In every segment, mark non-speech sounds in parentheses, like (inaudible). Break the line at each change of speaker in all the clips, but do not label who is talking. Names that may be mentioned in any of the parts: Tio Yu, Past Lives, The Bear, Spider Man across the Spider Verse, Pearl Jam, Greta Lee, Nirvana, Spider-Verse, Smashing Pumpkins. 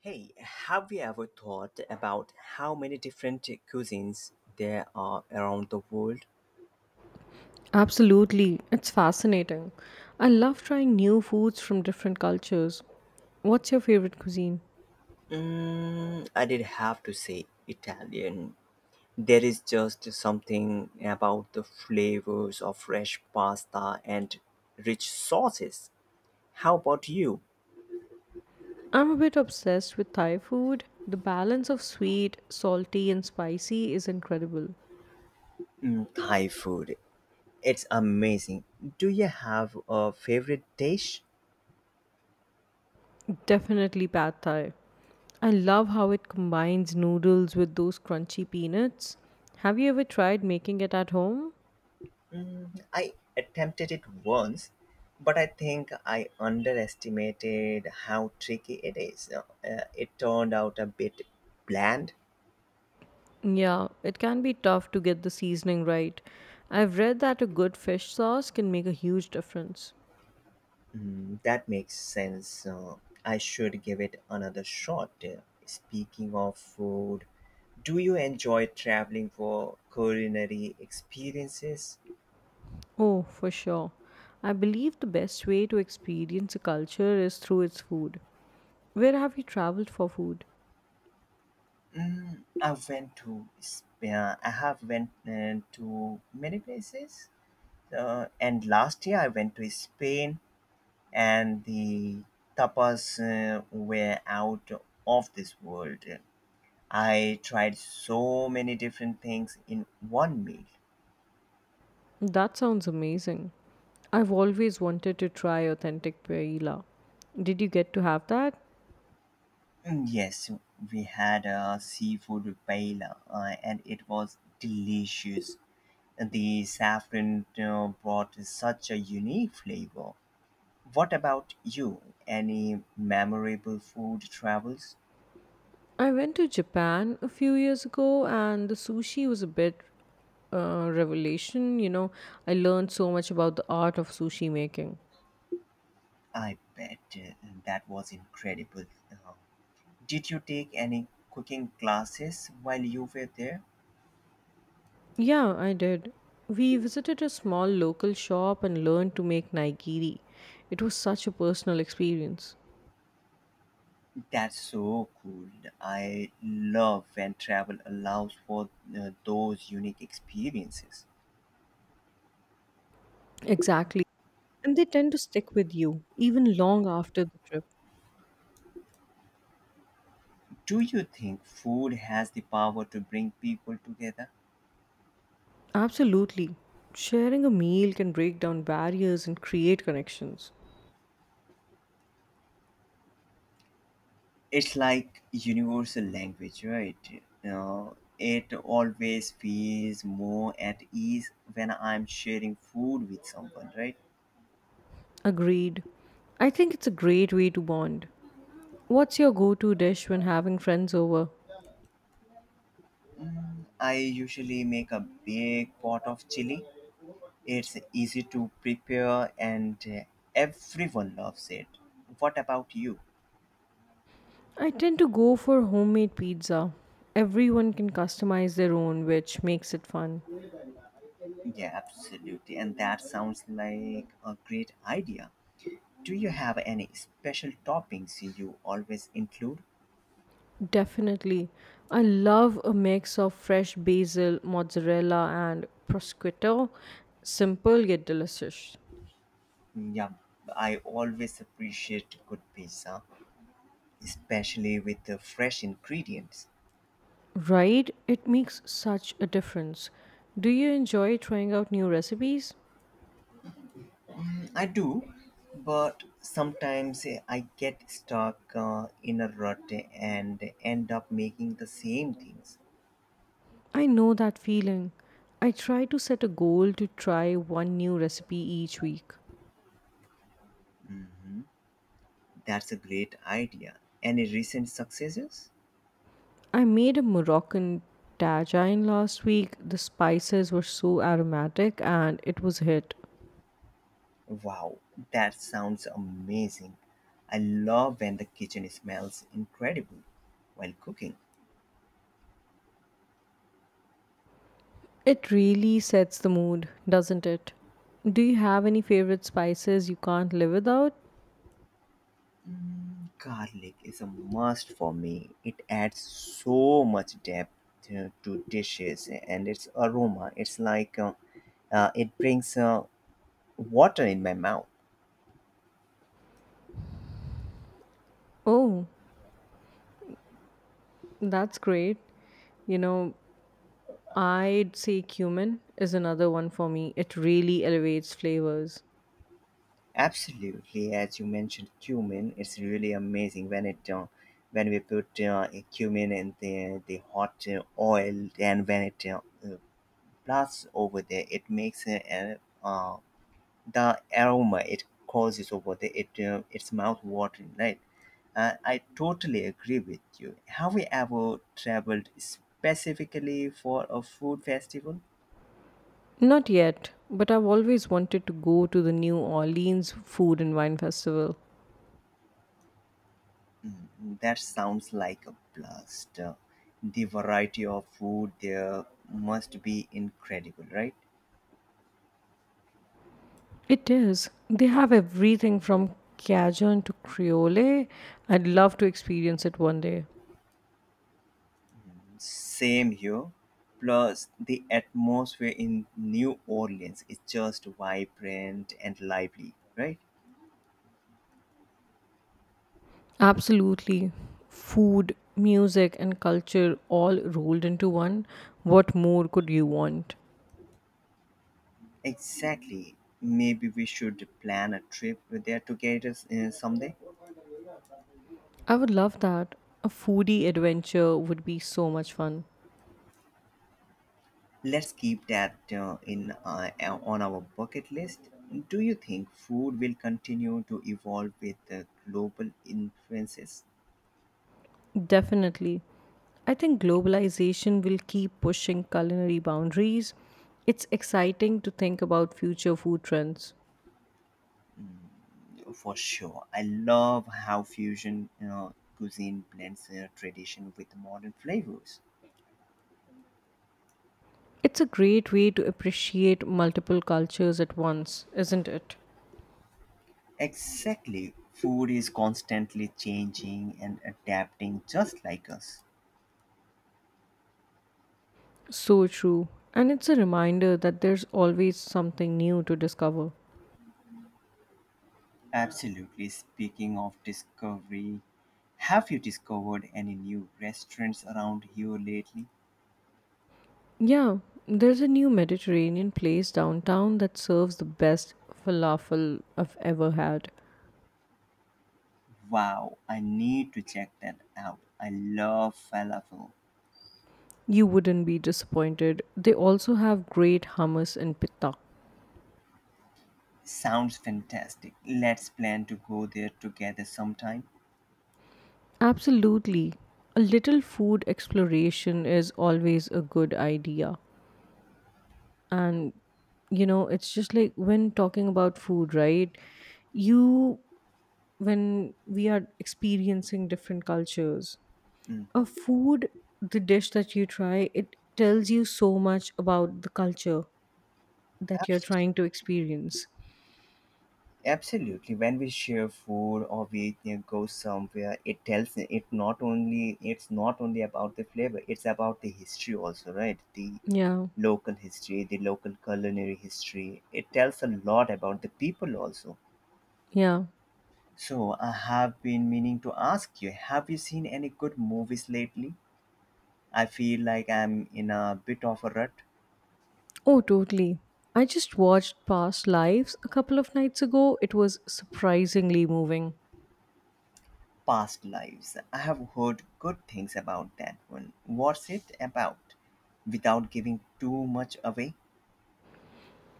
Hey, have you ever thought about how many different cuisines there are around the world?
Absolutely, it's fascinating. I love trying new foods from different cultures. What's your favorite cuisine?
Mm, I did have to say Italian. There is just something about the flavors of fresh pasta and rich sauces. How about you?
I'm a bit obsessed with Thai food. The balance of sweet, salty, and spicy is incredible.
Mm, Thai food. It's amazing. Do you have a favorite dish?
Definitely pad Thai. I love how it combines noodles with those crunchy peanuts. Have you ever tried making it at home?
Mm, I attempted it once, but I think I underestimated how tricky it is. It turned out a bit bland.
Yeah, it can be tough to get the seasoning right. I've read that a good fish sauce can make a huge difference.
Mm, that makes sense. I should give it another shot. Speaking of food, do you enjoy traveling for culinary experiences?
Oh, for sure. I believe the best way to experience a culture is through its food. Where have you traveled for food?
I have went to many places. And last year I went to Spain and the tapas were out of this world. I tried so many different things in one meal.
That sounds amazing. I've always wanted to try authentic paella. Did you get to have that?
Mm, yes, we had a seafood paella and it was delicious. The saffron brought such a unique flavor. What about you? Any memorable food travels?
I went to Japan a few years ago and the sushi was a bit revelation. You know, I learned so much about the art of sushi making.
I bet that was incredible. Uh, Did you take any cooking classes while you were there?
Yeah, I did. We visited a small local shop and learned to make nigiri. It was such a personal experience.
That's so cool. I love when travel allows for those unique experiences.
Exactly. And they tend to stick with you, even long after the trip.
Do you think food has the power to bring people together?
Absolutely. Sharing a meal can break down barriers and create connections.
It's like universal language, right? Uh, it always feels more at ease when I'm sharing food with someone, right?
Agreed. I think it's a great way to bond. What's your go to dish when having friends over?
Mm, I usually make a big pot of chili. It's easy to prepare and everyone loves it. What about you?
I tend to go for homemade pizza. Everyone can customize their own, which makes it fun.
Yeah, absolutely. And that sounds like a great idea. Do you have any special toppings you always include?
Definitely. I love a mix of fresh basil, mozzarella, and prosciutto. Simple yet delicious.
Yeah, I always appreciate good pizza, especially with the fresh ingredients.
Right? It makes such a difference. Do you enjoy trying out new recipes?
I do, but sometimes I get stuck in a rut and end up making the same things.
I know that feeling. I try to set a goal to try one new recipe each week.
Mhm. That's a great idea. Any recent successes?
I made a Moroccan tagine last week. The spices were so aromatic and it was a hit.
Wow, that sounds amazing. I love when the kitchen smells incredible while cooking.
It really sets the mood, doesn't it? Do you have any favorite spices you can't live without?
Mm, garlic is a must for me. It adds so much depth to dishes and its aroma. It's like it brings water in my mouth.
Oh, that's great. You know, I'd say cumin is another one for me. It really elevates flavors.
Absolutely, as you mentioned cumin, it's really amazing when it when we put a cumin in the hot oil and when it blasts over there, it makes uh, the aroma it causes over there. It's mouth watering, right? I totally agree with you. Have we ever traveled specifically for a food festival?
Not yet, but I've always wanted to go to the New Orleans Food and Wine Festival.
Mm, that sounds like a blast. The variety of food there must be incredible, right?
It is. They have everything from Cajun to Creole. I'd love to experience it one day.
Same here. Plus, the atmosphere in New Orleans is just vibrant and lively, right?
Absolutely. Food, music, and culture all rolled into one. What more could you want?
Exactly. Maybe we should plan a trip there together someday.
I would love that. A foodie adventure would be so much fun.
Let's keep that in on our bucket list. Do you think food will continue to evolve with global influences?
Definitely. I think globalization will keep pushing culinary boundaries. It's exciting to think about future food trends.
For sure. I love how fusion cuisine blends tradition with modern flavors.
It's a great way to appreciate multiple cultures at once, isn't it?
Exactly. Food is constantly changing and adapting just like us.
So true. And it's a reminder that there's always something new to discover.
Absolutely. Speaking of discovery, have you discovered any new restaurants around here lately?
Yeah, there's a new Mediterranean place downtown that serves the best falafel I've ever had.
Wow, I need to check that out. I love falafel.
You wouldn't be disappointed. They also have great hummus and pita.
Sounds fantastic. Let's plan to go there together sometime.
Absolutely. A little food exploration is always a good idea. And you know, it's just like when talking about food, right? You When we are experiencing different cultures, a
Hmm.
food the dish that you try, it tells you so much about the culture that you're
Abs-
trying to experience.
Absolutely. When we share food or we go somewhere, it tells it not only about the flavor. It's about the history also, right? The
Yeah,
local history, the local culinary history. It tells a lot about the people also.
yeah.
So, I have been meaning to ask you, have you seen any good movies lately? I feel like I'm in a bit of a rut.
Oh, totally. I just watched Past Lives a couple of nights ago. It was surprisingly moving.
Past Lives. I have heard good things about that one. What's it about? Without giving too much away?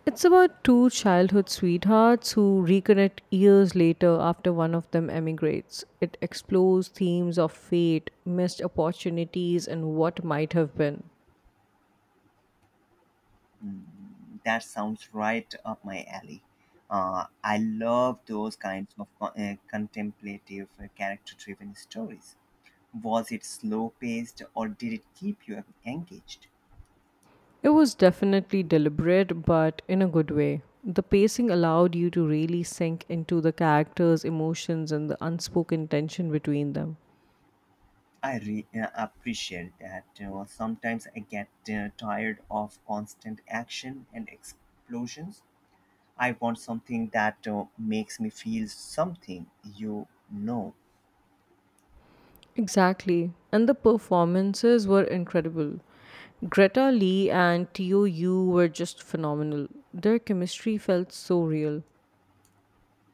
It's about two childhood sweethearts who reconnect years later after one of them emigrates. It explores themes of fate, missed opportunities, and what might have been.
Mm, that sounds right up my alley. I love those kinds of contemplative, character driven stories. Was it slow paced or did it keep you engaged?
It was definitely deliberate, but in a good way. The pacing allowed you to really sink into the characters' emotions and the unspoken tension between them.
I appreciate that. Sometimes I get tired of constant action and explosions. I want something that makes me feel something, you know.
Exactly. And the performances were incredible. Greta Lee and Tio Yu were just phenomenal. Their chemistry felt so real.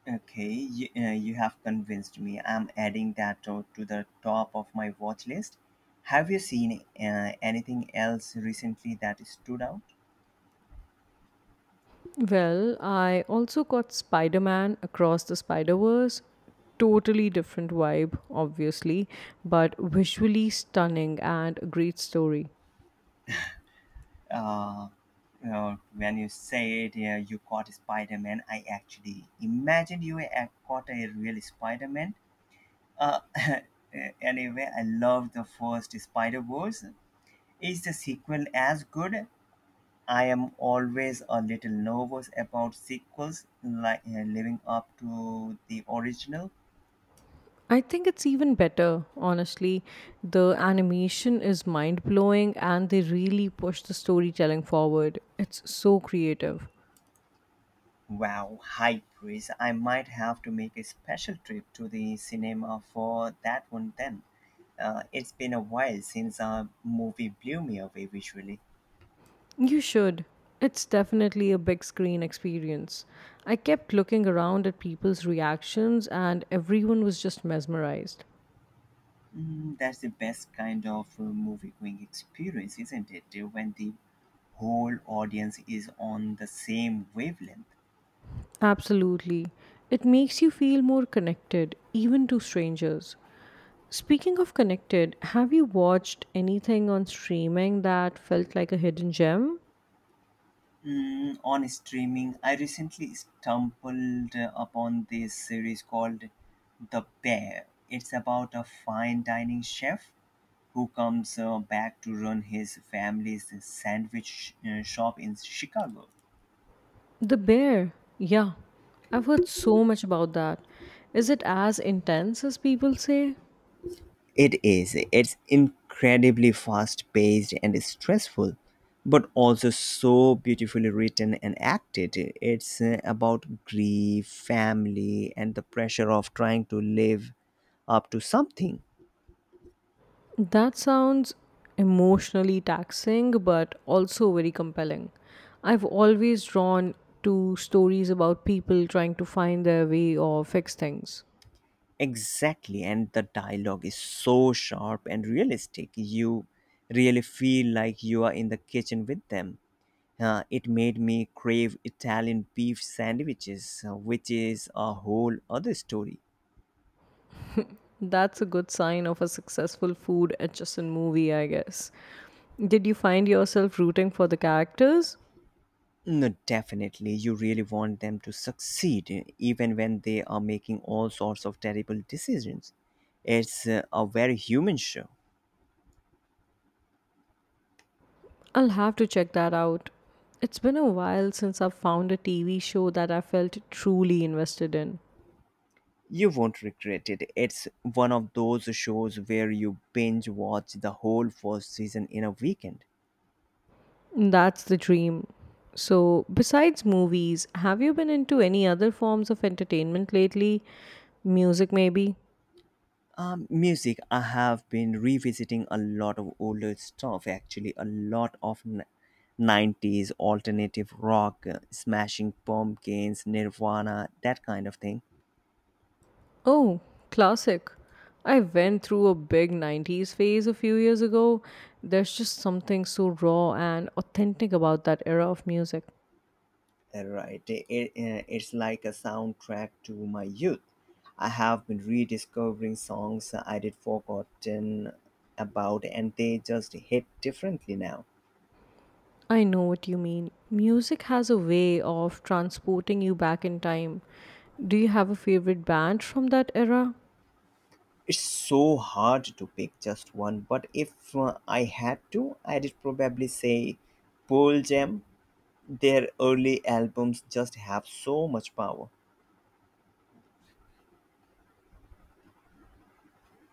Okay, you have convinced me. I'm adding that to the top of my watch list. Have you seen anything else recently that stood out?
Well, I also got Spider Man across the Spider Verse. Totally different vibe obviously, but visually stunning and a great story.
uh, when you said you caught Spider-Man, I actually imagined you caught a real Spider-Man. Uh, (laughs) anyway, I love the first Spider-Verse. Is the sequel as good? I am always a little nervous about sequels like living up to the original.
I think it's even better, honestly. The animation is mind blowing and they really push the storytelling forward. It's so creative.
Wow, high praise. I might have to make a special trip to the cinema for that one then. It's been a while since a movie blew me away visually.
You should. It's definitely a big screen experience. I kept looking around at people's reactions and everyone was just mesmerized.
Mm, that's the best kind of movie going experience, isn't it? When the whole audience is on the same wavelength.
Absolutely. It makes you feel more connected, even to strangers. Speaking of connected, have you watched anything on streaming that felt like a hidden gem?
Mm, on streaming, I recently stumbled upon this series called The Bear. It's about a fine dining chef who comes back to run his family's sandwich shop in Chicago.
The bear. Yeah, I've heard so much about that. Is it as intense as people say?
It is. It's incredibly fast paced and stressful, but also so beautifully written and acted. It's about grief, family, and the pressure of trying to live up to something.
That sounds emotionally taxing, but also very compelling. I've always drawn to stories about people trying to find their way or fix things.
Exactly. And the dialogue is so sharp and realistic. You really feel like you are in the kitchen with them. It made me crave Italian beef sandwiches, which is a whole other story.
That's a good sign of a successful food adjacent movie, I guess. Did you find yourself rooting for the characters?
No, definitely. You really want them to succeed, even when they are making all sorts of terrible decisions. It's a very human show.
I'll have to check that out. It's been a while since I've found a TV show that I felt truly invested in.
You won't regret it. It's one of those shows where you binge watch the whole first season in a weekend.
That's the dream. So, besides movies, have you been into any other forms of entertainment lately? Music, maybe?
Music, I have been revisiting a lot of older stuff, actually, a lot of 90s alternative rock, smashing pumpkins, Nirvana, that kind of thing.
Oh, classic. I went through a big 90s phase a few years ago. There's just something so raw and authentic about that era of music.
Right. It's like a soundtrack to my youth. I have been rediscovering songs I did forgotten about and they just hit differently now.
I know what you mean. Music has a way of transporting you back in time. Do you have a favorite band from that era?
It's so hard to pick just one, but if I had to, I'd probably say Pearl Jam. Their early albums just have so much power.